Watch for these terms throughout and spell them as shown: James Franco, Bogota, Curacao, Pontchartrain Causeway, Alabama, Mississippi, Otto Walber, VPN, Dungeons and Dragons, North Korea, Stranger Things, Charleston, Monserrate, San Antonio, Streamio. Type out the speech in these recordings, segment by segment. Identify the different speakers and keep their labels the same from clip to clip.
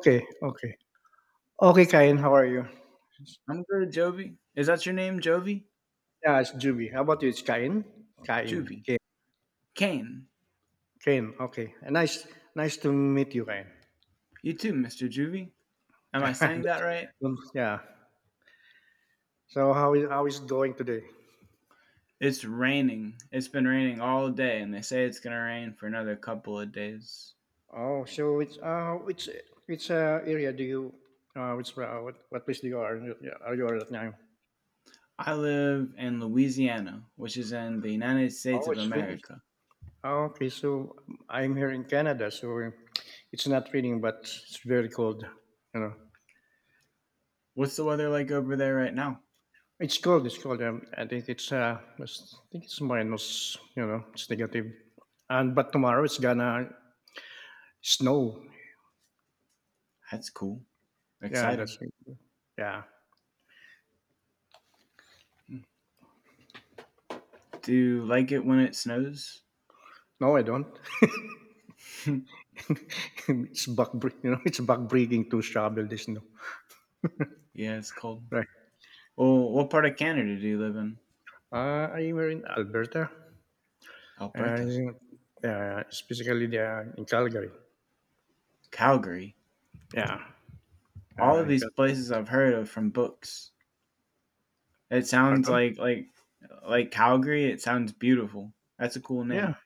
Speaker 1: Okay, okay. Okay, Kain, how are you?
Speaker 2: I'm good, Jovi. Is that your name, Jovi?
Speaker 1: Yeah, it's Juby. How about you? It's Kain? Kain.
Speaker 2: Juvie.
Speaker 1: Kain.
Speaker 2: Kane.
Speaker 1: Kain. Okay. Nice to meet you, Kain.
Speaker 2: You too, Mr. Juvie. Am I saying that right?
Speaker 1: Yeah. So how is it going today?
Speaker 2: It's raining. It's been raining all day, and they say it's going to rain for another couple of days.
Speaker 1: Oh, so it's which area do you which what place do you are you are at now?
Speaker 2: I live in Louisiana, which is in the United States
Speaker 1: Oh,
Speaker 2: of
Speaker 1: it's
Speaker 2: America.
Speaker 1: oh, okay. So I'm here in Canada, so it's not raining, but it's very cold. You know.
Speaker 2: What's the weather like over there right now?
Speaker 1: It's cold. It's cold. I think it's I think it's minus. It's negative. And but tomorrow it's gonna snow.
Speaker 2: That's cool.
Speaker 1: Yeah, that's
Speaker 2: Exciting.
Speaker 1: it. Yeah.
Speaker 2: Do you like it when it snows?
Speaker 1: No, I don't.
Speaker 2: Yeah,
Speaker 1: It's back breaking to shovel the snow.
Speaker 2: it's cold.
Speaker 1: Right.
Speaker 2: Well, what part of Canada do you live in?
Speaker 1: I were in Alberta. Uh,
Speaker 2: Alberta.
Speaker 1: yeah, specifically in Calgary.
Speaker 2: Calgary.
Speaker 1: Yeah, I'm
Speaker 2: All of
Speaker 1: in
Speaker 2: these places
Speaker 1: Calgary.
Speaker 2: I've heard of from books. It sounds
Speaker 1: Pardon?
Speaker 2: like like Calgary. It sounds beautiful. That's a cool
Speaker 1: Yeah,
Speaker 2: name.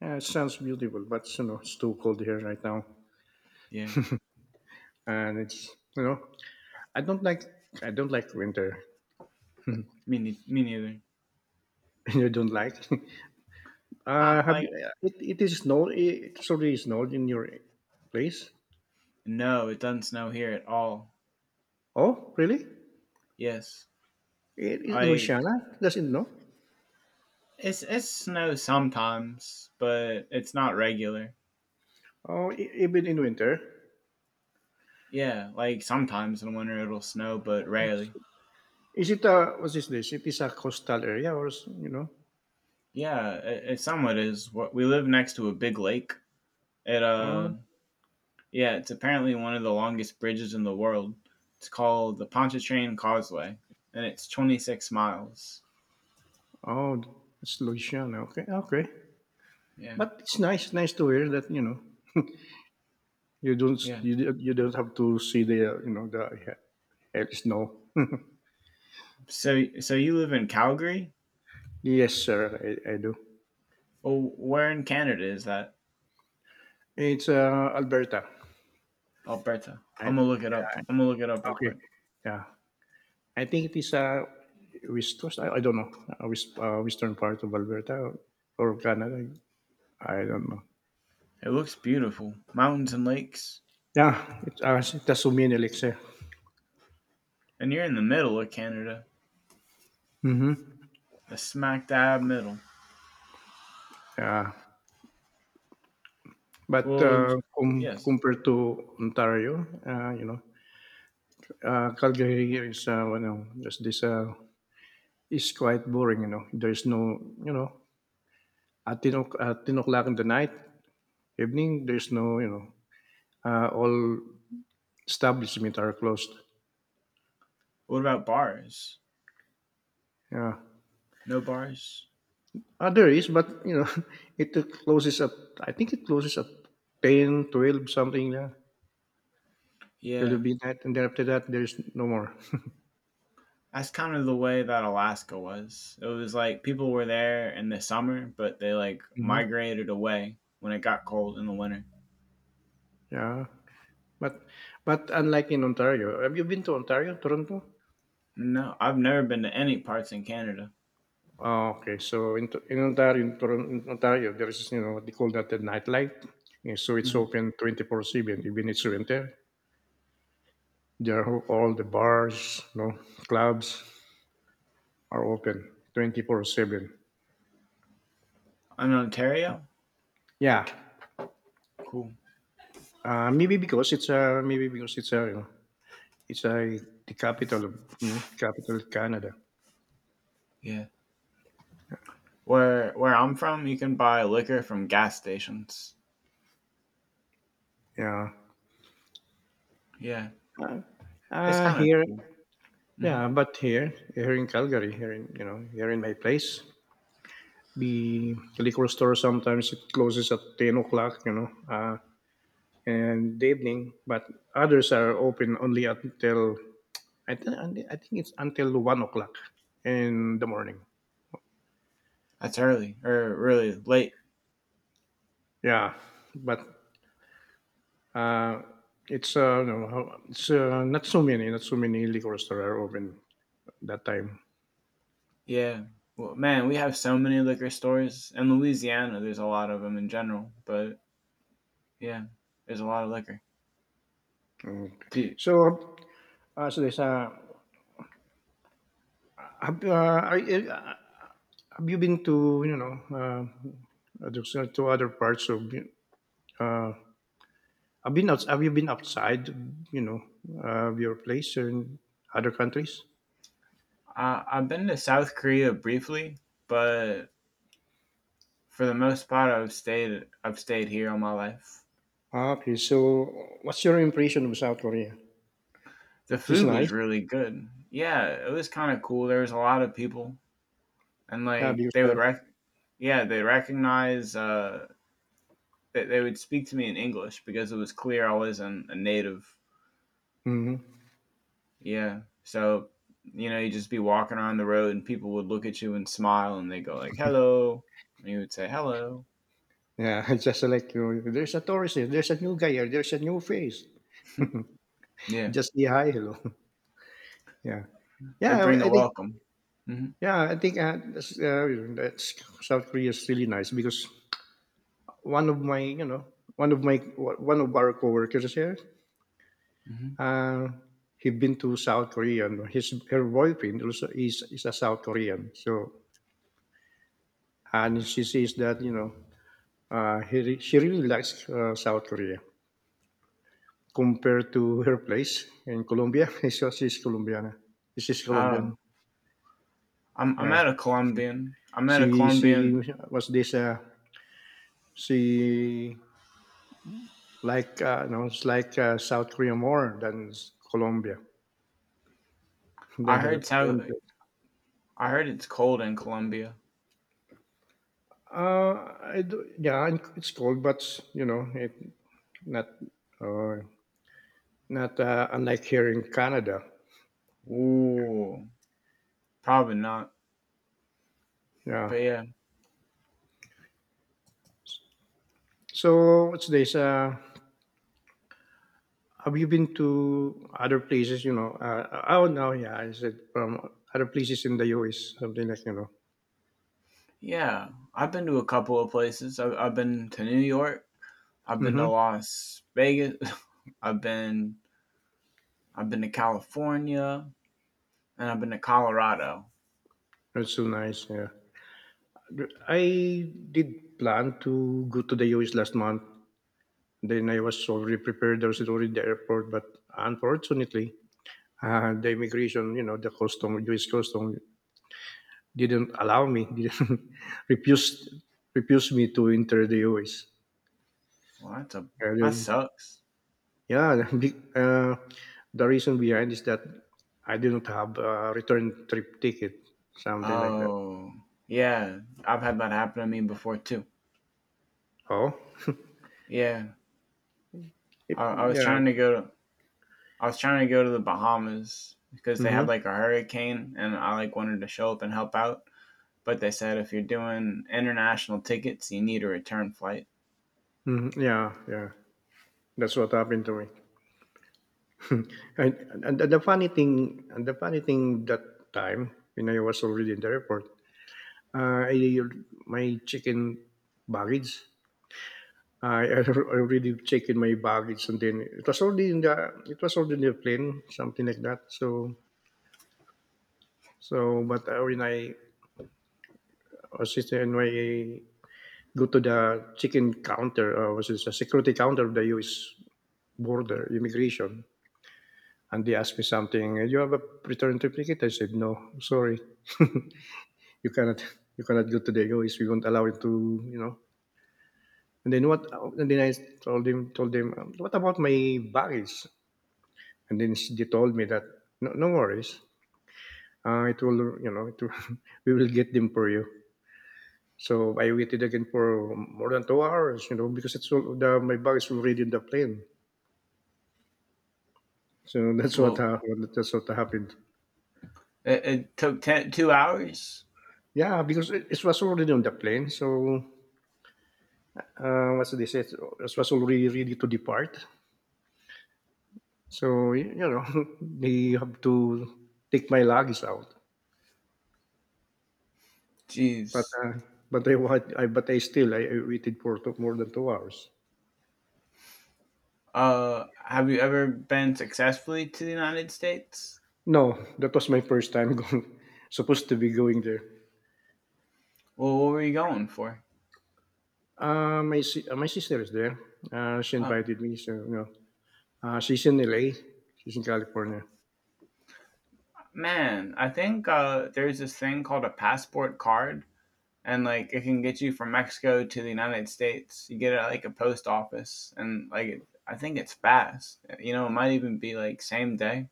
Speaker 1: yeah, it sounds beautiful, but it's too cold here right now,
Speaker 2: Yeah,
Speaker 1: and it's you know I don't like I don't like winter.
Speaker 2: me neither.
Speaker 1: You don't like?
Speaker 2: Ah,
Speaker 1: Have you,
Speaker 2: like
Speaker 1: it, it is snow. It already snowed in your place?
Speaker 2: no, it doesn't snow here at all.
Speaker 1: Oh, really?
Speaker 2: Yes,
Speaker 1: It is
Speaker 2: like
Speaker 1: Louisiana doesn't know.
Speaker 2: it's it snows sometimes, but it's not regular.
Speaker 1: Oh, even in winter.
Speaker 2: Yeah, like sometimes in winter it'll snow, but rarely.
Speaker 1: Is it a what is this? It is a coastal area, or you know?
Speaker 2: Yeah, it somewhat is. What we live next to a big lake. It
Speaker 1: Oh,
Speaker 2: Yeah, it's apparently one of the longest bridges in the world. It's called the Pontchartrain Causeway, and it's 26 miles.
Speaker 1: oh, it's Louisiana. Okay, okay.
Speaker 2: Yeah,
Speaker 1: But it's nice, nice to hear that you don't
Speaker 2: yeah.
Speaker 1: you, don't- you don't have to see the, snow.
Speaker 2: So, you live in Calgary?
Speaker 1: Yes, sir, I do.
Speaker 2: Oh, where in Canada is that?
Speaker 1: It's, Alberta,
Speaker 2: Alberta. I'm
Speaker 1: right?
Speaker 2: gonna look it up. Real
Speaker 1: Okay.
Speaker 2: quick.
Speaker 1: Yeah. I think it is, west coast. I don't know, western part of Alberta or Canada. I don't know.
Speaker 2: It looks beautiful. Mountains and lakes,
Speaker 1: Yeah, it that's Suminilex, eh.
Speaker 2: and you're in the middle of Canada,
Speaker 1: Mhm.
Speaker 2: the smack dab middle.
Speaker 1: Yeah. But,
Speaker 2: Well, yes.
Speaker 1: compared to Ontario, Calgary here is, it's quite boring. There's no, you know, at 10 o- at 10 o'clock in the night, evening, there's no, all establishment are closed.
Speaker 2: What about bars?
Speaker 1: Yeah.
Speaker 2: No bars?
Speaker 1: There is, but it closes at I think it closes at 10, 12, something. Yeah, till
Speaker 2: Yeah.
Speaker 1: midnight, and then after that, there is no more.
Speaker 2: That's kind of the way that Alaska was. It was like people were there in the summer, but they like
Speaker 1: Hmm.
Speaker 2: migrated away when it got cold in the winter.
Speaker 1: Yeah, but unlike in Ontario, have you been to Ontario, Toronto?
Speaker 2: No, I've never been to any parts in Canada.
Speaker 1: Oh, okay. So in Ontario, in Toronto, in Ontario, there is, you know, what they call that, the nightlight. Yeah, so it's
Speaker 2: Mhm.
Speaker 1: open 24/7, even it's winter. There are all the bars, clubs are open 24/7.
Speaker 2: In Ontario,
Speaker 1: Yeah,
Speaker 2: cool.
Speaker 1: maybe because it's, the capital of, capital of Canada.
Speaker 2: Yeah, where I'm from, you can buy liquor from gas stations.
Speaker 1: Yeah,
Speaker 2: Yeah,
Speaker 1: uh,
Speaker 2: it's kind of
Speaker 1: here.
Speaker 2: cool. hmm
Speaker 1: Yeah, but here in Calgary, here in my place, the liquor store sometimes it closes at 10 o'clock, and the evening, but others are open only until I, th- I think it's until 1 o'clock in the morning.
Speaker 2: That's early or really late.
Speaker 1: Yeah, but Uh, it's no, how- it's not so many liquor stores are open that time.
Speaker 2: Yeah. Well, man, we have so many liquor stores in Louisiana. There's a lot of them in general, but yeah, there's a lot of liquor.
Speaker 1: Mm.
Speaker 2: Do
Speaker 1: So, so, there's have, are you- have you been to, to other parts of, uh, have you been outside, you know your place in other countries?
Speaker 2: I've been to South Korea briefly, but for the most part, I've stayed here all my life.
Speaker 1: Ah, okay, so what's your impression of South Korea?
Speaker 2: The
Speaker 1: It's
Speaker 2: food was
Speaker 1: nice,
Speaker 2: really good. Yeah, it was kind of cool. There was a lot of people, and
Speaker 1: yeah, because,
Speaker 2: yeah they recognize they would speak to me in English because it was clear I wasn't a native.
Speaker 1: mhm.
Speaker 2: Yeah, so you know you'd just be walking around the road and people would look at you and smile and they go like hello, and you would say hello.
Speaker 1: Yeah, it's just like, there's a tourist here, there's a new guy here, there's a new face.
Speaker 2: Yeah,
Speaker 1: Just say hi, hello. Yeah,
Speaker 2: they
Speaker 1: yeah.
Speaker 2: bring the welcome. hmm
Speaker 1: I think, that's South Korea is really nice because one of my you know one of our coworkers here.
Speaker 2: hmm
Speaker 1: uh, he been to South Korea, and his her boyfriend also is a South Korean. So and she says that, she really likes, South Korea, compared to her place in Colombia. So she's Colombiana. She's
Speaker 2: Oh,
Speaker 1: Colombian.
Speaker 2: I'm
Speaker 1: Yeah.
Speaker 2: at a Colombian.
Speaker 1: She was this. She like, it's like, South Korea more than Colombia,
Speaker 2: I
Speaker 1: than her
Speaker 2: heard South.
Speaker 1: own place.
Speaker 2: I heard it's cold in Colombia.
Speaker 1: Uh, I do, yeah, and it's cold, but, it not, uh, unlike here in Canada.
Speaker 2: Ooh, probably not.
Speaker 1: Yeah.
Speaker 2: But yeah,
Speaker 1: So what's this? Have you been to other places? Oh no, yeah, I said from other places in the US, something like.
Speaker 2: yeah. I've been to a couple of places. I've been to New York. I've been
Speaker 1: Mm-hmm.
Speaker 2: to Las Vegas. I've been I've been to California and I've been to Colorado.
Speaker 1: That's so nice. Yeah, I did plan to go to the US last month. Then I was already prepared. I was already at the airport, but unfortunately, the immigration, the custom, US custom, didn't allow me. Didn't refuse refuse me to enter the US.
Speaker 2: Well, that's a that sucks.
Speaker 1: Yeah, the reason behind is that I didn't have a return trip ticket, something like that.
Speaker 2: Oh, yeah. I've had that happen to me before too.
Speaker 1: Oh,
Speaker 2: Yeah, I was
Speaker 1: yeah,
Speaker 2: trying to go to the Bahamas because they had
Speaker 1: hmm,
Speaker 2: like a hurricane and I like wanted to show up and help out. But they said if you're doing international tickets, you need a return flight.
Speaker 1: hmm, yeah, yeah. That's what happened to me. And, and the funny thing, that time when I was already in the airport. I My check in baggage. I already checked in my baggage, and then it was already in the it was already in the plane, something like that. So, but, when I go to the chicken counter, or was it the security counter of the U.S. border immigration, and they asked me something. You have a return triplicate? I said no, sorry, you cannot, you cannot go to the U.S. We won't allow it to. And then what? And then I told him, told them, what about my baggage? And then they told me that no, no worries, it will, you know, it will, we will get them for you. So I waited again for more than 2 hours, because my bag is already in the plane. So that's what
Speaker 2: Well,
Speaker 1: happened. That's what happened.
Speaker 2: it took ten, 2 hours.
Speaker 1: Yeah, because it was already on the plane. So, what they said, it was already ready to depart. So, they have to take my luggage out. But
Speaker 2: Jeez.
Speaker 1: uh, but I, wa- I but I still I waited for two, more than 2 hours.
Speaker 2: Have you ever been successfully to the United States?
Speaker 1: No, that was my first time going, supposed to be going there.
Speaker 2: Well, what were you going for?
Speaker 1: My sister is there. She
Speaker 2: Oh
Speaker 1: invited me. So, she's in LA. She's in California.
Speaker 2: man, I think there's this thing called a passport card and like it can get you from Mexico to the United States. You get it at like a post office, and like it, I think it's fast. You know, it might even be like same day,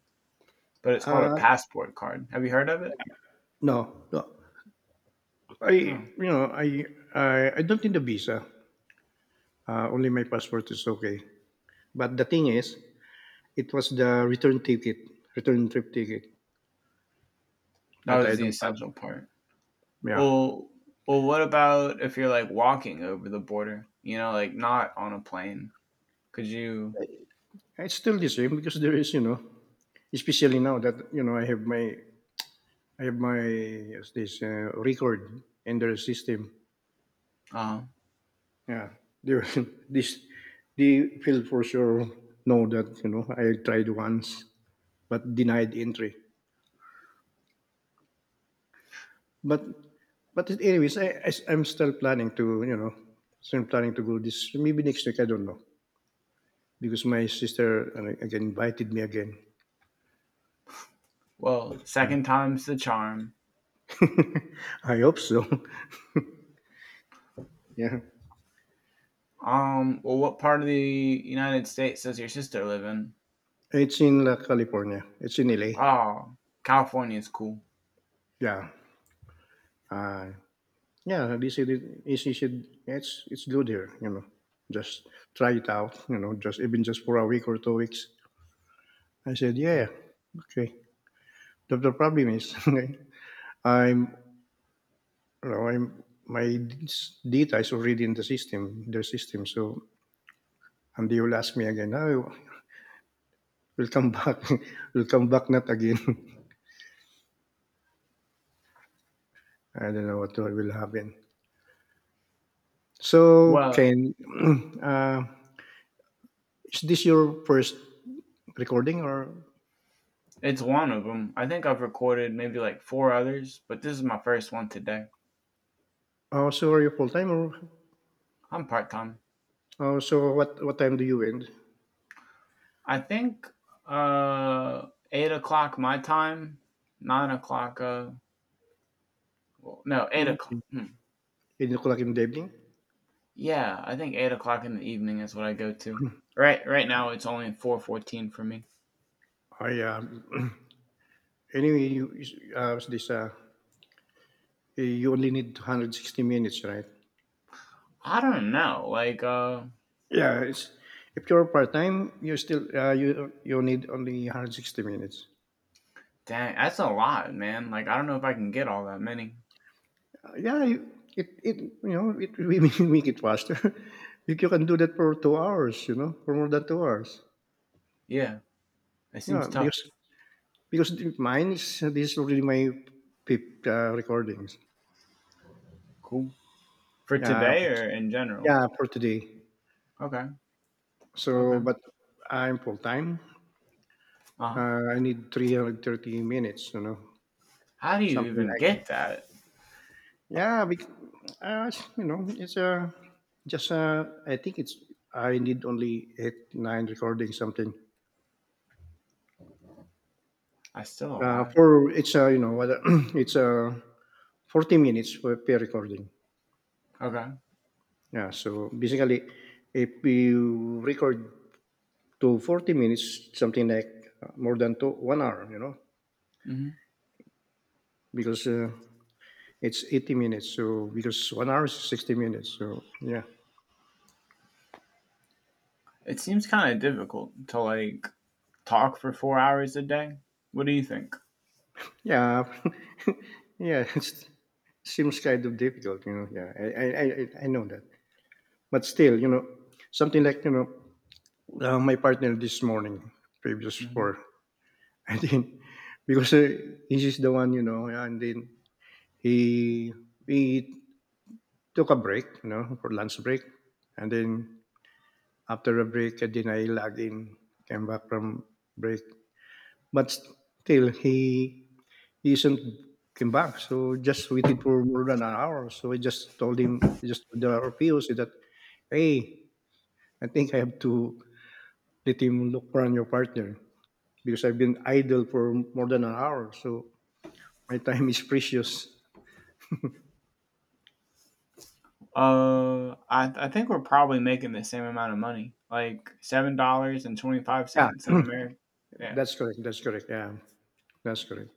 Speaker 2: but it's called a
Speaker 1: Uh,
Speaker 2: passport card. Have you heard of it?
Speaker 1: no, no. I
Speaker 2: Oh,
Speaker 1: you know I don't need a visa. Only my passport is okay. But the thing is, it was the return ticket, return trip ticket
Speaker 2: that
Speaker 1: that
Speaker 2: was
Speaker 1: I
Speaker 2: the
Speaker 1: don't have.
Speaker 2: essential part.
Speaker 1: Yeah,
Speaker 2: Well, well, what about if you're like walking over the border? You know, like not on a plane. Could you?
Speaker 1: it's still the same because there is, especially now that you know I have my I have my as this, record in their system.
Speaker 2: Uh,
Speaker 1: Yeah, there, this they will for sure know that, I tried once but denied entry. But but anyways, I'm still planning to, still planning to go this maybe next week. I don't know because my sister, again invited me again.
Speaker 2: well, second time's the charm.
Speaker 1: I hope so. Yeah,
Speaker 2: Well, what part of the United States does your sister live in?
Speaker 1: it's in, California. It's in LA.
Speaker 2: Oh, California's cool.
Speaker 1: Yeah. Uh, Yeah, they said it is he said it's good here. Just try it out, just even just for a week or 2 weeks. I said, Yeah, okay. The problem is okay, I'm you know, I'm data is already in the system, their system. So and they will ask me again, oh we'll come back we'll come back not again. I don't know what will happen. So,
Speaker 2: Well,
Speaker 1: Ken, uh, is this your first recording, or
Speaker 2: it's one of them. I think I've recorded maybe like four others, but this is my first one today.
Speaker 1: also are you full time, or?
Speaker 2: I'm part time.
Speaker 1: Oh, so what time do you end?
Speaker 2: I think 8 o'clock my time, 9 o'clock. Well, no, eight
Speaker 1: Mm,
Speaker 2: o'clock.
Speaker 1: 8:00 in the evening?
Speaker 2: Yeah, I think 8 o'clock in the evening is what I go to. Right, right now it's only 4:14 for me.
Speaker 1: Oh, yeah. Anyway, you only need 160 minutes, right?
Speaker 2: I don't know.
Speaker 1: Yeah, if you're part time, you still, you need only 160 minutes.
Speaker 2: Dang, that's a lot, man. Like, I don't know if I can get all that many.
Speaker 1: Yeah, it it you know it we make it faster. You can do that for 2 hours, for more than 2 hours.
Speaker 2: Yeah, it seems
Speaker 1: Yeah, because
Speaker 2: tough.
Speaker 1: because the- mine is this is already my fifth, recordings.
Speaker 2: Cool. For
Speaker 1: Yeah,
Speaker 2: today or in general.
Speaker 1: yeah, for today.
Speaker 2: Okay,
Speaker 1: So,
Speaker 2: okay.
Speaker 1: but I'm full time.
Speaker 2: Uh-huh.
Speaker 1: I need 330 minutes,
Speaker 2: How do you
Speaker 1: something
Speaker 2: even
Speaker 1: like
Speaker 2: get that?
Speaker 1: yeah. Uh, it's just I think it's I need only eight nine recording something.
Speaker 2: I still alive.
Speaker 1: For it's you know what it's 40 minutes per recording.
Speaker 2: Okay.
Speaker 1: Yeah, so basically, if you record to 40 minutes, something like, more than two, 1 hour,
Speaker 2: hmm
Speaker 1: because, it's 80 minutes, so because 1 hour is 60 minutes. So yeah,
Speaker 2: It seems kind of difficult to like talk for 4 hours a day. What do you think?
Speaker 1: yeah, yeah. It seems kind of difficult. Yeah, I know that, but still, you know, something like you know, my partner this morning, previous
Speaker 2: hmm
Speaker 1: for I think because he's the one, you know, and then he we took a break, you know, for lunch break, and then after a break, and then I log in, came back from break, but still he isn't came back. So just waited for more than an hour. So I just told him, just told the R P O said that, hey, I think I have to let him look for a new partner because I've been idle for more than an hour. So my time is precious.
Speaker 2: I think we're probably making the same amount of money, like $7 and twenty five
Speaker 1: Yeah,
Speaker 2: cents in America. Yeah,
Speaker 1: that's correct. That's correct. Yeah, that's correct.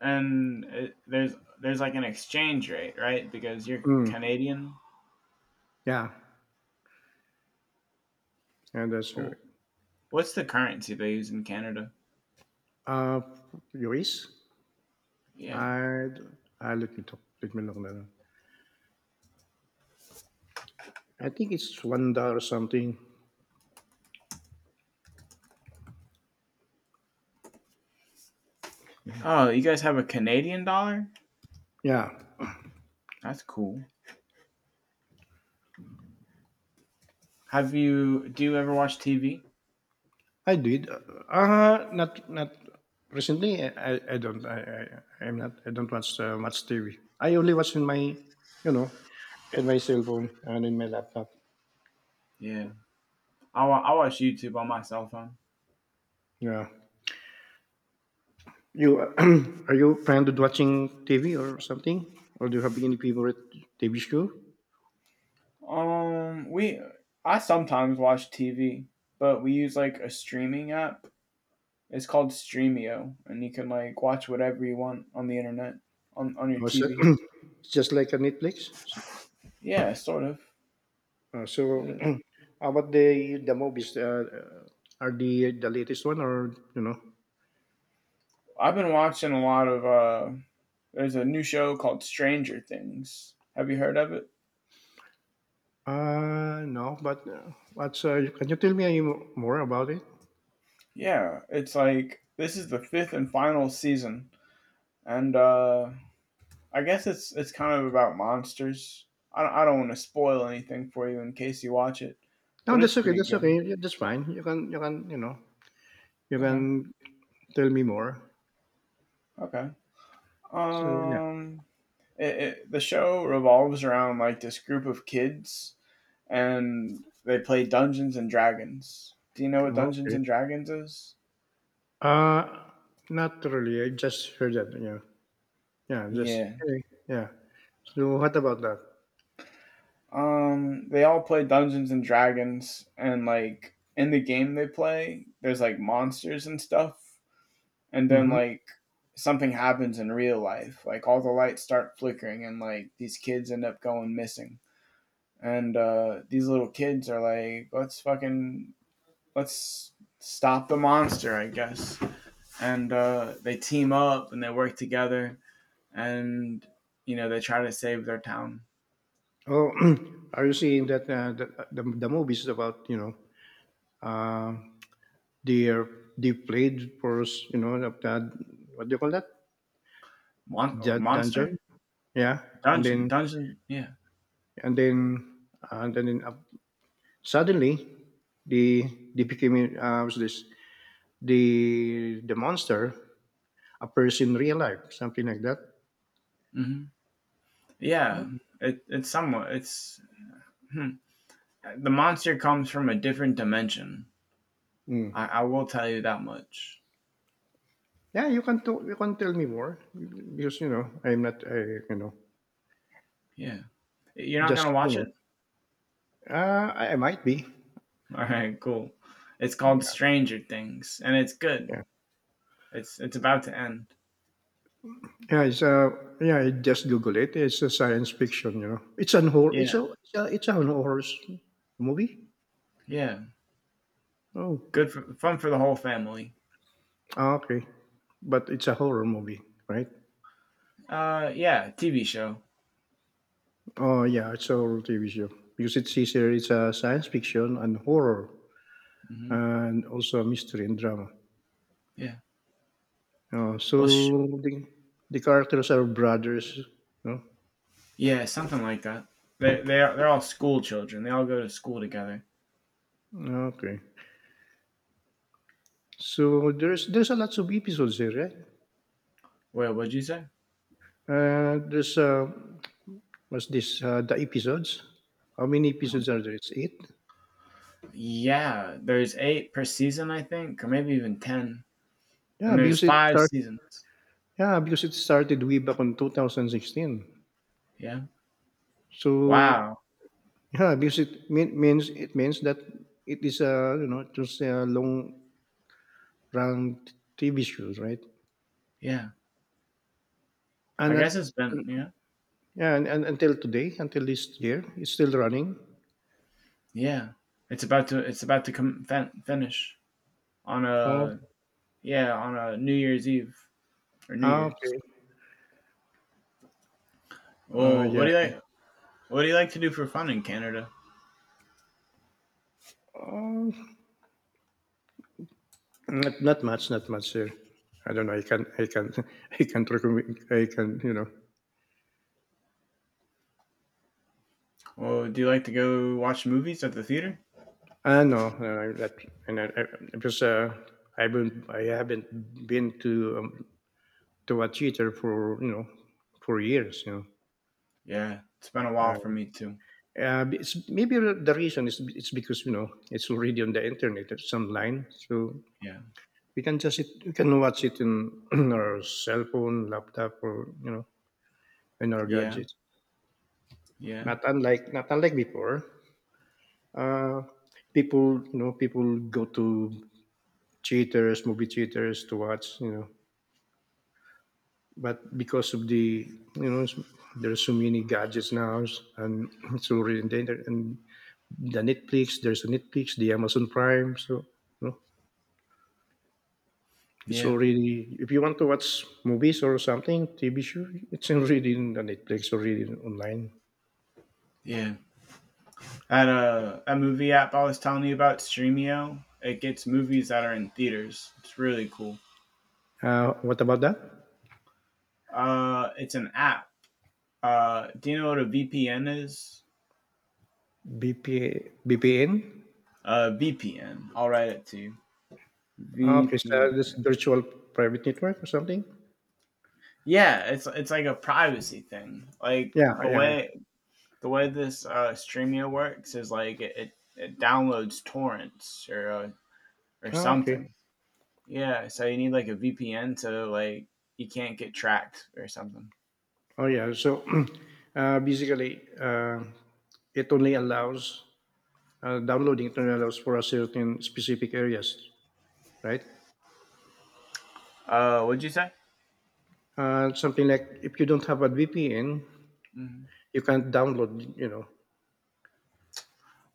Speaker 2: and there's like an exchange rate, right? Because you're
Speaker 1: Mm,
Speaker 2: Canadian.
Speaker 1: yeah, yeah, that's
Speaker 2: Wh-
Speaker 1: correct.
Speaker 2: What's the currency they use in Canada?
Speaker 1: Uh, Luis,
Speaker 2: Yeah.
Speaker 1: I, I let me talk. Let me look. Na I think it's $1 something.
Speaker 2: Oh, you guys have a Canadian dollar?
Speaker 1: Yeah,
Speaker 2: That's cool. Have you? Do you ever watch TV?
Speaker 1: I did. Not recently. I don't. I I'm not. I don't watch much TV. I only watch in my, you know, in my cell phone and in my laptop.
Speaker 2: Yeah. I watch YouTube on my cell phone.
Speaker 1: Yeah. You are you fond to watching TV or something, or do you have any favorite TV show?
Speaker 2: We I sometimes watch TV, but we use like a streaming app. It's called Streamio, and you can like watch whatever you want on the internet on your
Speaker 1: Or so-
Speaker 2: TV.
Speaker 1: just like a Netflix.
Speaker 2: Yeah, sort of. Uh,
Speaker 1: How about the movies? Are the latest one or you know?
Speaker 2: I've been watching a lot of. There's a new show called Stranger Things. Have you heard of it?
Speaker 1: No, but, what's, can you tell me any more about it?
Speaker 2: Yeah, it's like this is the fifth and final season, and I guess it's kind of about monsters. I don't want to spoil anything for you in case you watch it,
Speaker 1: No,
Speaker 2: but it's
Speaker 1: that's okay,
Speaker 2: pretty
Speaker 1: that's okay.
Speaker 2: good.
Speaker 1: Yeah, that's fine. You can, you know, you
Speaker 2: Okay,
Speaker 1: can tell me more.
Speaker 2: okay.
Speaker 1: So, yeah.
Speaker 2: Um, the show revolves around like this group of kids, and they play Dungeons and Dragons. Do you know what Dungeons
Speaker 1: Okay.
Speaker 2: and Dragons is?
Speaker 1: Uh, Not really. I just heard that, yeah. Yeah, just
Speaker 2: Yeah.
Speaker 1: okay, yeah. So what about that?
Speaker 2: They all play Dungeons and Dragons, and like in the game they play, there's like monsters and stuff and then
Speaker 1: Mhm.
Speaker 2: like something happens in real life like all the lights start flickering and like these kids end up going missing and these little kids are like let's stop the monster I guess and they team up and they work together and you know they try to save their town.
Speaker 1: Oh, are you seeing that, the movies about, you know, uh, they're they played for us, you know, of that what do you call that?
Speaker 2: Mon-
Speaker 1: The
Speaker 2: oh,
Speaker 1: dungeon?
Speaker 2: monster
Speaker 1: Yeah. And
Speaker 2: dungeon
Speaker 1: then
Speaker 2: dungeon Yeah.
Speaker 1: and then and then in, up suddenly the the became was this the monster appears in real life, something like that.
Speaker 2: hmm
Speaker 1: Uh,
Speaker 2: yeah, it, it's somewhat it's hmm. The monster comes from a different dimension.
Speaker 1: mm.
Speaker 2: I will tell you that much.
Speaker 1: Yeah, you can you can tell me more because you know I'm not I, you know
Speaker 2: Yeah. You're not gonna
Speaker 1: just you
Speaker 2: watch
Speaker 1: know
Speaker 2: it?
Speaker 1: I might be
Speaker 2: All right, cool. It's called Stranger Things, and it's good.
Speaker 1: yeah
Speaker 2: It's about to end.
Speaker 1: yeah it's yeah I just Google it it's a science fiction you know it's an horror
Speaker 2: Yeah,
Speaker 1: it's a horror movie
Speaker 2: yeah.
Speaker 1: oh
Speaker 2: Good for fun for the whole family.
Speaker 1: ah, okay but it's a horror movie right.
Speaker 2: Yeah, TV show.
Speaker 1: Oh yeah, it's a horror TV show because it's easier. It's a science fiction and horror,
Speaker 2: hmm
Speaker 1: and also mystery and drama.
Speaker 2: Yeah.
Speaker 1: Oh,
Speaker 2: Well,
Speaker 1: so the, the characters are brothers. No,
Speaker 2: yeah, something like that. They're all school children. They all go to school together.
Speaker 1: okay. So there's a lots of episodes there, right?
Speaker 2: Wait, what'd you say?
Speaker 1: There's what's this? The episodes. How many episodes are there? It's eight.
Speaker 2: Yeah, there's eight per season, I think, or maybe even ten,
Speaker 1: Yeah,
Speaker 2: and there's
Speaker 1: because it
Speaker 2: five
Speaker 1: start.
Speaker 2: seasons.
Speaker 1: Yeah, because it started way back on 2016.
Speaker 2: Yeah.
Speaker 1: So
Speaker 2: Wow.
Speaker 1: yeah, because it mean, means it means that it is a you know just a long run TV show, right?
Speaker 2: Yeah. I
Speaker 1: And that
Speaker 2: guess it's been yeah
Speaker 1: yeah, and until today, until this year, it's still running.
Speaker 2: yeah. It's about to come finish on
Speaker 1: Oh,
Speaker 2: a yeah on a New Year's Eve or New
Speaker 1: ah,
Speaker 2: Year's.
Speaker 1: okay.
Speaker 2: Well, what
Speaker 1: Yeah.
Speaker 2: do you like? What do you like to do for fun in Canada?
Speaker 1: Um, not much, not much, sir. I don't know. I can I can recommend. I can you know.
Speaker 2: Well, do you like to go watch movies at the theater?
Speaker 1: Ah, no, no, I- that and because uh, I haven't been to a theater for you know for years, you know.
Speaker 2: Yeah, it's been a while
Speaker 1: Uh,
Speaker 2: for me too.
Speaker 1: It's maybe the reason is it's because you know it's already on the internet at some line, so
Speaker 2: Yeah,
Speaker 1: we can just it, we can watch it in our cell phone, laptop, or you know in our
Speaker 2: yeah,
Speaker 1: gadgets.
Speaker 2: yeah,
Speaker 1: Not unlike before. Uh, People you know people go to theaters, movie theaters to watch you know, but because of the you know there's so many gadgets now and it's already in the internet and the Netflix. There's a Netflix, the Amazon Prime, so. You know, it's
Speaker 2: yeah,
Speaker 1: already if you want to watch movies or something, TV show, it's already in the Netflix already online.
Speaker 2: yeah. At a movie app I was telling you about, Streamio, it gets movies that are in theaters. It's really cool.
Speaker 1: What about that?
Speaker 2: It's an app. Do you know what a VPN is?
Speaker 1: BP,
Speaker 2: VPN. I'll write it to you.
Speaker 1: ah, okay, so this
Speaker 2: VPN.
Speaker 1: virtual private network or something?
Speaker 2: Yeah, it's like a privacy thing. Like
Speaker 1: Yeah, yeah, yeah.
Speaker 2: the way this Streamio works is like it downloads torrents or
Speaker 1: Ah, okay.
Speaker 2: something. Yeah, so you need like a VPN so like you can't get tracked or something.
Speaker 1: Oh, yeah. So basically, it only allows downloading. It only allows for a certain specific areas, right?
Speaker 2: What'd you say?
Speaker 1: Something like if you don't have a VPN,
Speaker 2: Mhm.
Speaker 1: you can't download. You know.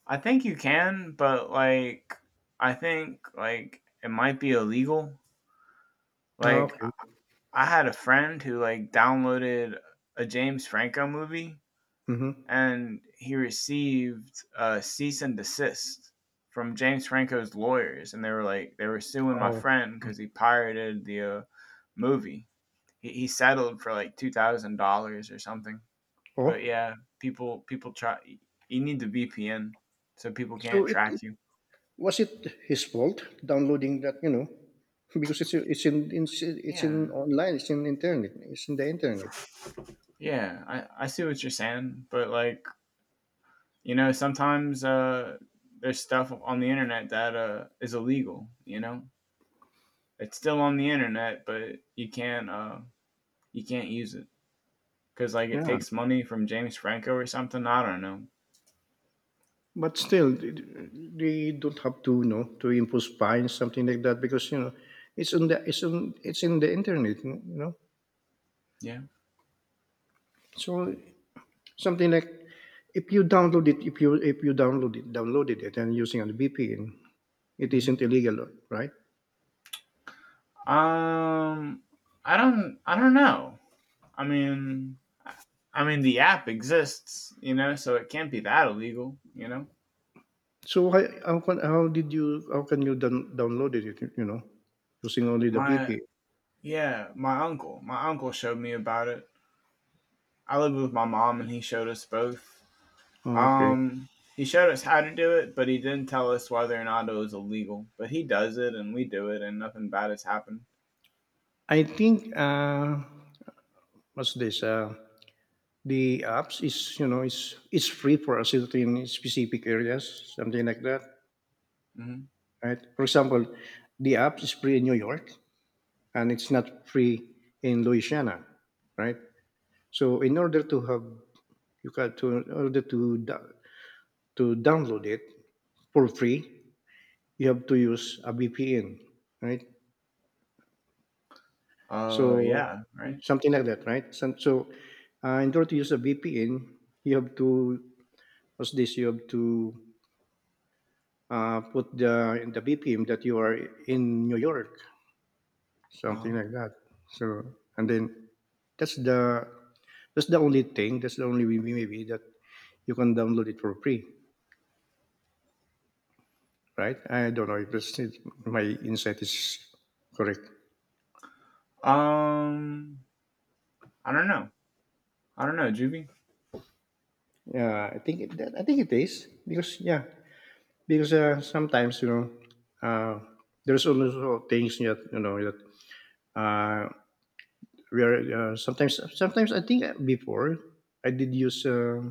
Speaker 2: I think you can, but like I think like it might be illegal.
Speaker 1: Ah,
Speaker 2: Like
Speaker 1: okay.
Speaker 2: I had a friend who like downloaded a James Franco movie
Speaker 1: Mm-hmm.
Speaker 2: and he received a cease and desist from James Franco's lawyers and they were suing my
Speaker 1: Oh.
Speaker 2: friend cuz he pirated the movie. He settled for like $2000 or something. But
Speaker 1: Oh,
Speaker 2: yeah, people try. You need the VPN so people
Speaker 1: so
Speaker 2: can't
Speaker 1: it
Speaker 2: track
Speaker 1: it
Speaker 2: you.
Speaker 1: was it his fault downloading that, you know? Because it's in it's in
Speaker 2: Yeah.
Speaker 1: online, it's in internet, it's in the internet.
Speaker 2: Yeah, I see what you're saying, but like you know, sometimes there's stuff on the internet that is illegal. You know, it's still on the internet, but you can't use it because like it
Speaker 1: Yeah,
Speaker 2: takes money from James Franco or something. I don't know.
Speaker 1: but still, they don't have to, you know, to impose fines, something like that, because you know, it's on the, it's in the internet, you know.
Speaker 2: Yeah.
Speaker 1: So something like if you download it, downloaded it, and using a VPN, it
Speaker 2: hmm
Speaker 1: isn't illegal, right?
Speaker 2: Um, I don't know. I mean, I mean the app exists, you know, so it can't be that illegal. You know,
Speaker 1: So why, how can you download it? You know, using only the
Speaker 2: my
Speaker 1: VPN.
Speaker 2: yeah, my uncle showed me about it. I lived with my mom, and he showed us both.
Speaker 1: Okay,
Speaker 2: Um, he showed us how to do it, but he didn't tell us whether or not it was illegal. But he does it, and we do it, and nothing bad has happened.
Speaker 1: I think what's this? The apps is you know is it's free for a certain specific areas, something like that,
Speaker 2: hmm
Speaker 1: right? For example, the app is free in New York and it's not free in Louisiana, right? So in order to have you got to in order to to download it for free, you have to use a VPN, right?
Speaker 2: Oh
Speaker 1: So
Speaker 2: yeah, right.
Speaker 1: something like that, right? So, so in order to use a VPN, you have to what's this? You have to put the in the VPN that you are in New York, something
Speaker 2: Oh,
Speaker 1: like that. So and then that's the that's the only thing. That's the only way maybe that you can download it for free, right? I don't know if it's, my insight is correct.
Speaker 2: um, I don't know. I don't know, Juvie.
Speaker 1: Yeah, I think it is because yeah, because sometimes you know uh, there's also things that you know that uh, we are sometimes I think before I did use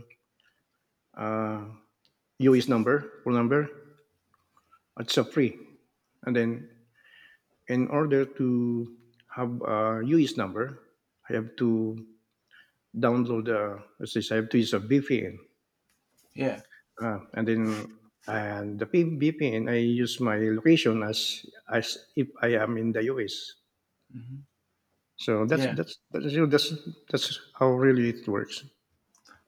Speaker 1: uh, UE's number phone number, it's a free, and then in order to have number I have to download let's say I have to use a VPN,
Speaker 2: Yeah,
Speaker 1: and then and the VPN I use my location as if I am in the US.
Speaker 2: hmm
Speaker 1: So that's
Speaker 2: yeah.
Speaker 1: you know, that's how really it works.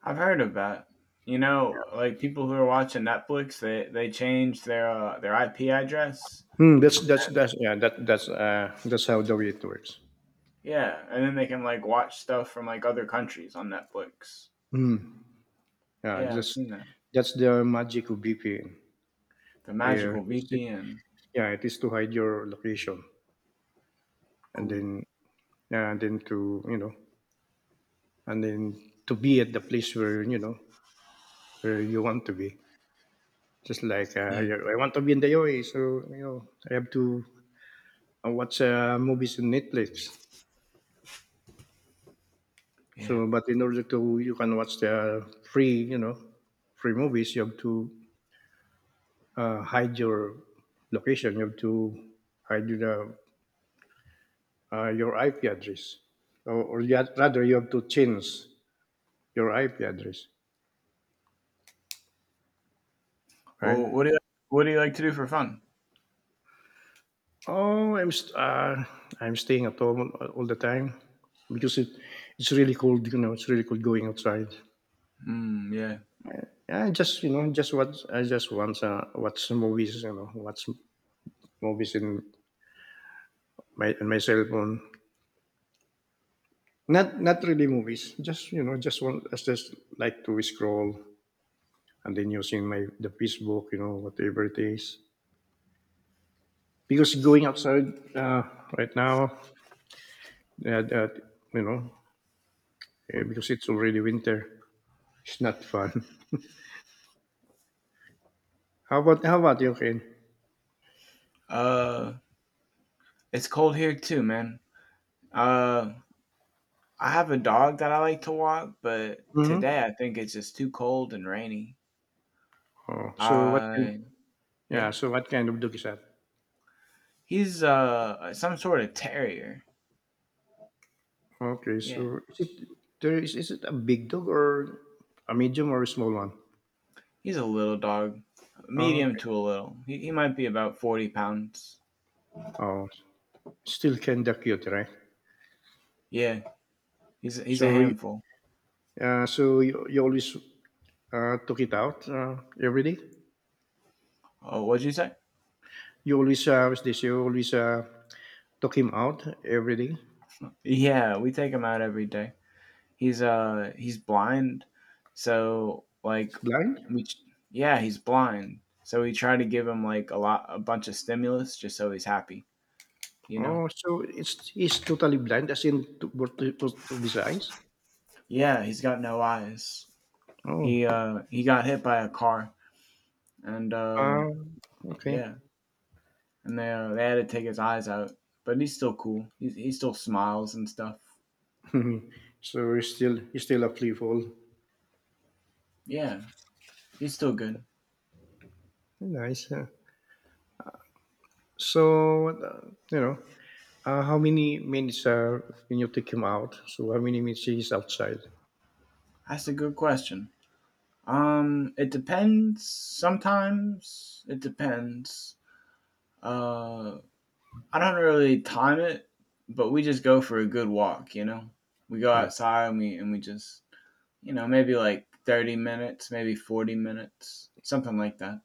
Speaker 2: I've heard of that. You know, like people who are watching Netflix, they change their IP address.
Speaker 1: Mm, that's yeah that that's how the way it works.
Speaker 2: Yeah, and then they can like watch stuff from like other countries on Netflix.
Speaker 1: Mm, yeah,
Speaker 2: Yeah, I've seen that.
Speaker 1: that's the magic of VPN.
Speaker 2: The
Speaker 1: Yeah,
Speaker 2: magical
Speaker 1: it's- it,
Speaker 2: VPN.
Speaker 1: yeah, it is to hide your location and
Speaker 2: Cool.
Speaker 1: then yeah, and then to you know and then to be at the place where you know where you want to be. Just like
Speaker 2: Yeah.
Speaker 1: I want to be in the UAE, so you know I have to watch movies on Netflix.
Speaker 2: Yeah.
Speaker 1: So, but in order to you can watch the free, you know, free movies, you have to hide your location. You have to hide the, your IP address, or, rather, you have to change your IP address, right?
Speaker 2: Well, what do you like to do for fun?
Speaker 1: Oh, I'm staying at home all the time because it, it's really cold. You know, it's really cold going outside.
Speaker 2: Mm, yeah.
Speaker 1: Yeah, I just you know just watch I just want watch movies. You know, watch movies in my cell phone. Not not really movies. Just you know, just one. I just like to scroll and then using my the Facebook, you know, whatever it is. Because going outside right now, that you know, because it's already winter, it's not fun. How about you, Ken?
Speaker 2: Uh, it's cold here too, man. Uh, I have a dog that I like to walk, but today
Speaker 1: Mm-hmm.
Speaker 2: I think it's just too cold and rainy.
Speaker 1: Oh, so what can
Speaker 2: Uh, yeah.
Speaker 1: yeah? So what kind of dog is that?
Speaker 2: He's some sort of terrier.
Speaker 1: Okay,
Speaker 2: Yeah.
Speaker 1: so is it there is it a big dog or a medium or a small one?
Speaker 2: He's a little dog,
Speaker 1: Oh,
Speaker 2: medium
Speaker 1: okay.
Speaker 2: to a little. He might be about 40 pounds.
Speaker 1: Oh, still kinda cute, right?
Speaker 2: Yeah. He's a
Speaker 1: So
Speaker 2: handful.
Speaker 1: So you always took it out every day.
Speaker 2: Oh, what'd you say?
Speaker 1: You always was this. You always took him out every day.
Speaker 2: Yeah, we take him out every day. He's blind, so like
Speaker 1: Blind.
Speaker 2: we ch- yeah, he's blind. So we try to give him like a bunch of stimulus just so he's happy, you know.
Speaker 1: Oh, so it's he's totally blind, as in to, to his eyes.
Speaker 2: Yeah, he's got no eyes.
Speaker 1: Oh,
Speaker 2: He got hit by a car and
Speaker 1: um, okay.
Speaker 2: yeah, and they had to take his eyes out, but he's still cool. He still smiles and stuff.
Speaker 1: so he's still a playful.
Speaker 2: Yeah, he's still good.
Speaker 1: Nice, huh? So you know, how many minutes when you take him out? So how many minutes he's outside?
Speaker 2: That's a good question. It depends. Sometimes it depends. Uh, I don't really time it, but we just go for a good walk, you know? We go
Speaker 1: Hmm.
Speaker 2: outside and we just you know, maybe like 30 minutes, maybe 40 minutes, something like that.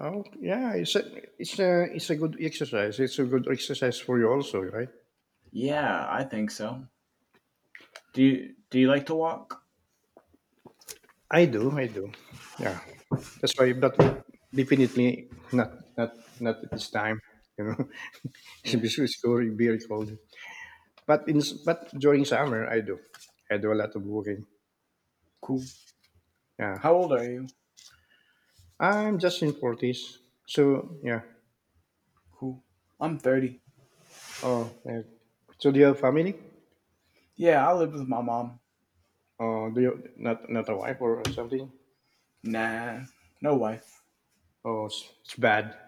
Speaker 1: Oh, yeah, it's a good exercise. It's a good exercise for you also, right?
Speaker 2: Yeah, I think so. Do you like to walk?
Speaker 1: I do, I do. Yeah, that's why. But definitely not, not at this time. You know, it's
Speaker 2: Yeah.
Speaker 1: very very cold. But during summer, I do. I do a lot of walking.
Speaker 2: Cool.
Speaker 1: Yeah,
Speaker 2: How old are you?
Speaker 1: I'm just in forties. So yeah.
Speaker 2: Cool. I'm 30.
Speaker 1: Oh, yeah. So do you have family?
Speaker 2: Yeah, I live with my mom.
Speaker 1: Or do you not, not a wife or something?
Speaker 2: Nah. No wife.
Speaker 1: Oh, it's bad.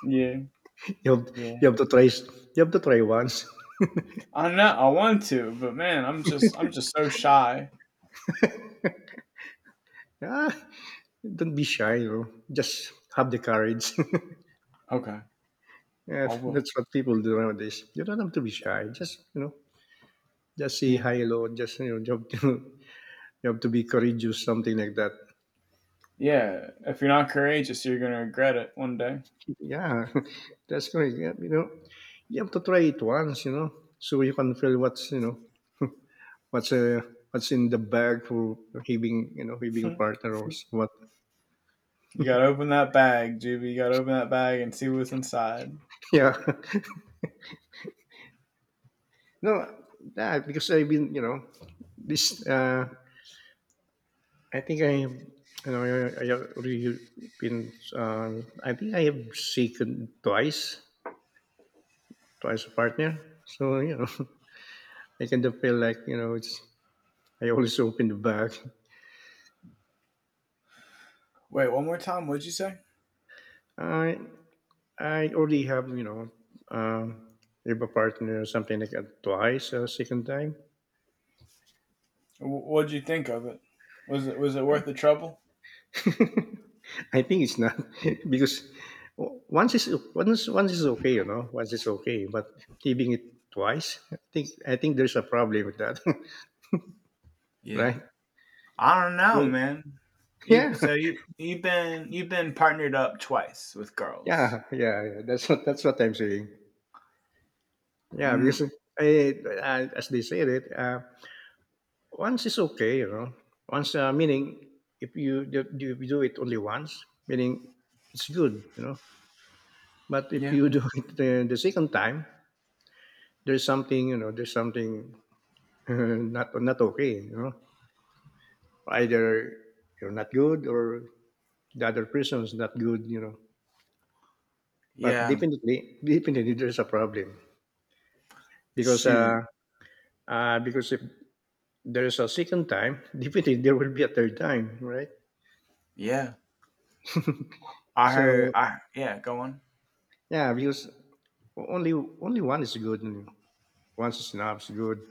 Speaker 2: Yeah.
Speaker 1: You have you
Speaker 2: Yeah.
Speaker 1: have to try s- you have to try once.
Speaker 2: I know I want to, but man, I'm just so shy.
Speaker 1: Ah, don't be shy, you know. Just have the courage.
Speaker 2: Okay.
Speaker 1: Yeah,
Speaker 2: I will.
Speaker 1: that's what people do nowadays. You don't have to be shy. Just you know, just say
Speaker 2: Yeah.
Speaker 1: hi, hello. Just, you have to, you have to be courageous, something like that.
Speaker 2: Yeah, if you're not courageous, you're gonna regret it one day.
Speaker 1: Yeah, that's correct. Yeah, you have to try it once, so you can feel what's what's what's in the bag for having having
Speaker 2: You
Speaker 1: partner or what.
Speaker 2: gotta open that bag, Juby. You gotta open that bag and see what's inside.
Speaker 1: Yeah. No, yeah, because I've been, this. I think I have really been. I think I have shaken twice, twice a partner. So, I kind of feel like, it's. I always open the bag.
Speaker 2: Wait, one more time. What'd you say?
Speaker 1: I I already have, um, have a partner or something like that twice a second time.
Speaker 2: What'd you think of it? Was it worth the trouble?
Speaker 1: I think it's not because once is once is okay, once is okay, but giving it twice, I think there's a problem with that,
Speaker 2: Yeah,
Speaker 1: right?
Speaker 2: I don't know,
Speaker 1: Yeah,
Speaker 2: man.
Speaker 1: yeah,
Speaker 2: You've been partnered up twice with girls.
Speaker 1: yeah. That's what I'm saying. Yeah, because
Speaker 2: Mm,
Speaker 1: I, as they said it, once is okay, Once meaning if you you do it only once, meaning it's good, But if
Speaker 2: yeah,
Speaker 1: you do it the second time, there's something, there's something not okay, Either you're not good or the other person is not good, But
Speaker 2: yeah.
Speaker 1: definitely, definitely there's a problem because uh,
Speaker 2: Shoot,
Speaker 1: because if there's a second time, definitely there will be a third time, right?
Speaker 2: yeah. I heard.
Speaker 1: So
Speaker 2: I yeah. Go on.
Speaker 1: yeah, because only one is good, and one is not good.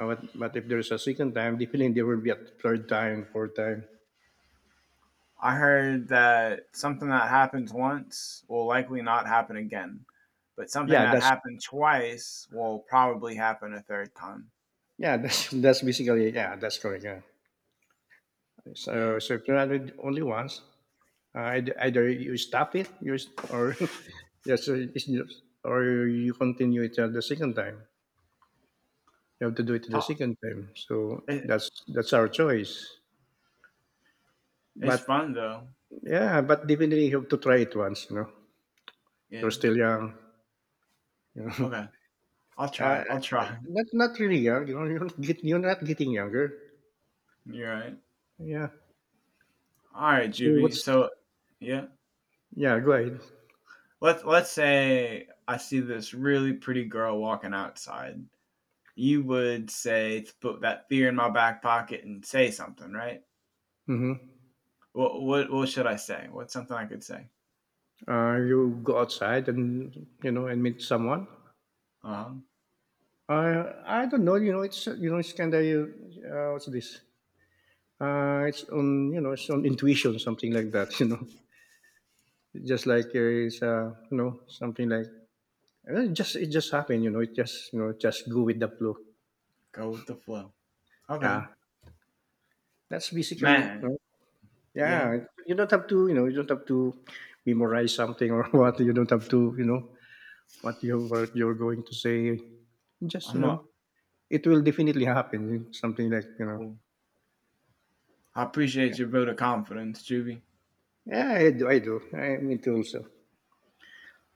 Speaker 1: But if there's a second time, definitely there will be a third time, fourth time.
Speaker 2: I heard that something that happens once will likely not happen again, but something
Speaker 1: Yeah,
Speaker 2: that
Speaker 1: that's
Speaker 2: happened twice will probably happen a third time.
Speaker 1: yeah, that's that's basically yeah, that's correct. Yeah.
Speaker 2: Yeah.
Speaker 1: So if you're not only once, either you stop it or or you continue it at the second time, you have to do it the
Speaker 2: Ta-
Speaker 1: second time, so
Speaker 2: it-
Speaker 1: that's our choice,
Speaker 2: It's
Speaker 1: but
Speaker 2: fun though.
Speaker 1: yeah, but definitely you have to try it once,
Speaker 2: Yeah.
Speaker 1: you're still young, you know.
Speaker 2: Okay. I'll
Speaker 1: uh,
Speaker 2: try. I'll try.
Speaker 1: not really young, you're not, get, you're not getting younger.
Speaker 2: You're right.
Speaker 1: Yeah.
Speaker 2: All right,
Speaker 1: So
Speaker 2: Juby.
Speaker 1: what's
Speaker 2: So, yeah.
Speaker 1: yeah, go ahead.
Speaker 2: Let's say I see this really pretty girl walking outside. You would say to put that fear in my back pocket and say something, right?
Speaker 1: Hmm.
Speaker 2: What should I say? What's something I could say?
Speaker 1: You go outside and and meet someone.
Speaker 2: Uh huh.
Speaker 1: I don't know. It's, it's kind of what's this? It's on, it's on intuition, something like that. Just like it's, something like it just happened. It just, just go with the flow.
Speaker 2: Go with the flow. Okay.
Speaker 1: Yeah, that's basically.
Speaker 2: Man, yeah,
Speaker 1: Yeah, you don't have to, you don't have to memorize something or what. You don't have to what you're going to say. Just,
Speaker 2: I'm up.
Speaker 1: it will definitely happen. Something like.
Speaker 2: Cool. I appreciate your vote of confidence, Juvie.
Speaker 1: Yeah, I do. I do. I'm into also.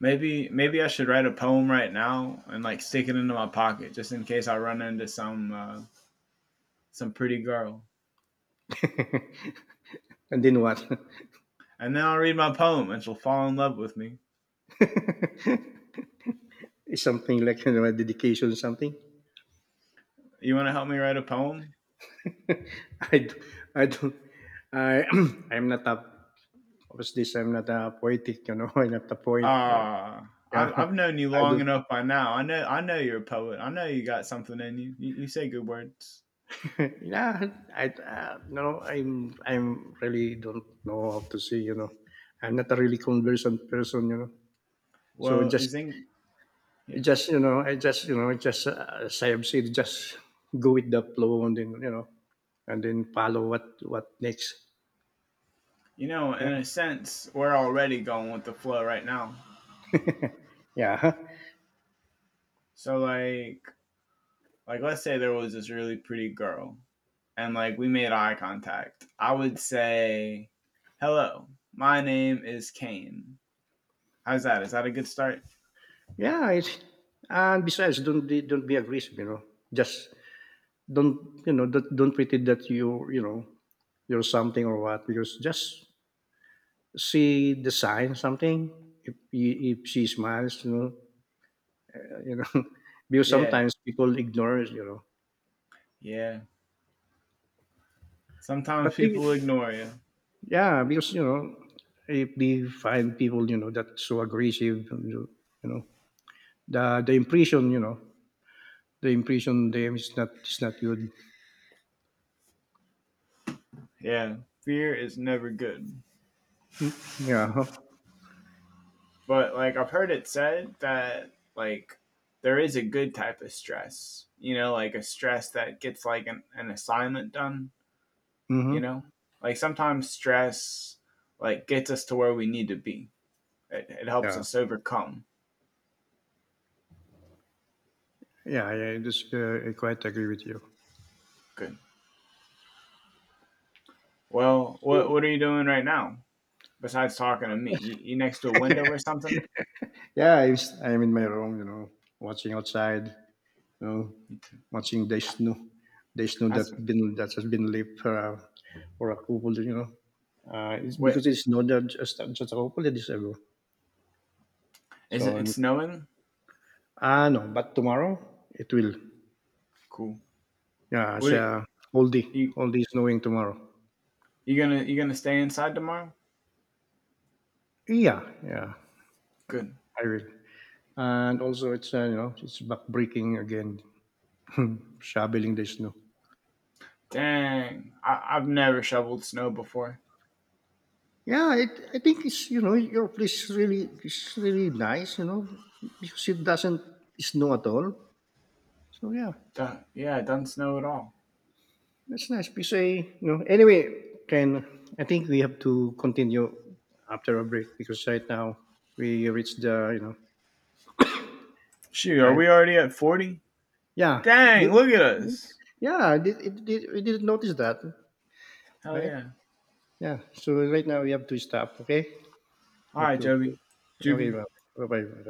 Speaker 2: Maybe I should write a poem right now and like stick it into my pocket just in case I run into some pretty girl.
Speaker 1: And then what?
Speaker 2: And then I'll read my poem and she'll fall in love with me.
Speaker 1: It's something like, dedication, something.
Speaker 2: You want to help me write a poem?
Speaker 1: I, d- I don't. I I'm not a obviously I'm not a poetic. I'm not a poet.
Speaker 2: Ah,
Speaker 1: Yeah,
Speaker 2: I've known you
Speaker 1: I
Speaker 2: long
Speaker 1: don't.
Speaker 2: enough by now. I know you're a poet. I know you got something in you. You say good words.
Speaker 1: Yeah, I no. I'm really don't know how to say. I'm not a really conversant person. So
Speaker 2: Well, is in yeah.
Speaker 1: just, I just you know, just as I have said, just go with the flow and then, and then follow what next.
Speaker 2: You know,
Speaker 1: Yeah,
Speaker 2: in a sense, we're already going with the flow right now.
Speaker 1: yeah.
Speaker 2: So like let's say there was this really pretty girl and like we made eye contact. I would say, "Hello. My name is Kane." How's that? Is that a good start?
Speaker 1: Yeah, it's and besides, don't be aggressive. Just don't don't pretend that you know you're something or what. Because just see the sign something. If she smiles, uh, you know, because
Speaker 2: Yeah.
Speaker 1: sometimes people ignore it.
Speaker 2: Yeah.
Speaker 1: But
Speaker 2: Sometimes
Speaker 1: they,
Speaker 2: people ignore you.
Speaker 1: yeah, because if they find people that so aggressive, know, the impression the impression them is not good.
Speaker 2: Yeah. Fear is never good.
Speaker 1: Mm, yeah. Huh?
Speaker 2: But like I've heard it said that like there is a good type of stress. You know, like a stress that gets like an assignment done, you know,
Speaker 1: Mhm.
Speaker 2: like sometimes stress like gets us to where we need to be. It helps
Speaker 1: Yeah.
Speaker 2: us overcome.
Speaker 1: I just I quite agree with you.
Speaker 2: Good. Well,
Speaker 1: So,
Speaker 2: what are you doing right now besides talking to me? You next to a window or something?
Speaker 1: yeah, I am in my room, watching outside, you know,
Speaker 2: Me too.
Speaker 1: watching the snow that
Speaker 2: That's
Speaker 1: been that has been left for a couple, it's
Speaker 2: wait
Speaker 1: because it's not that just a couple of days ago.
Speaker 2: Is
Speaker 1: So
Speaker 2: it, it's snowing?
Speaker 1: ah no, but tomorrow it will.
Speaker 2: Cool.
Speaker 1: Yeah,
Speaker 2: what
Speaker 1: it's
Speaker 2: are you,
Speaker 1: a
Speaker 2: you
Speaker 1: whole day snowing tomorrow.
Speaker 2: you gonna stay inside tomorrow?
Speaker 1: Yeah, yeah,
Speaker 2: Good.
Speaker 1: I will. And also, it's, it's back breaking again, shoveling the snow.
Speaker 2: Dang, I've never shoveled snow before.
Speaker 1: Yeah, it, I think it's your place really is really nice, because it doesn't snow at all. So yeah,
Speaker 2: Duh, yeah, it doesn't snow at all.
Speaker 1: that's nice. Because I, you know, anyway, can I think we have to continue after a break because right now we reached the.
Speaker 2: Shoot, are
Speaker 1: Right.
Speaker 2: we already at 40?
Speaker 1: Yeah,
Speaker 2: Dang,
Speaker 1: the-
Speaker 2: look at us.
Speaker 1: yeah, it, we didn't notice that,
Speaker 2: Hell
Speaker 1: right?
Speaker 2: yeah.
Speaker 1: Yeah. So right now we have to stop. Okay,
Speaker 2: All
Speaker 1: have
Speaker 2: right,
Speaker 1: to.
Speaker 2: Joby.
Speaker 1: Okay,
Speaker 2: Juby.
Speaker 1: bye bye.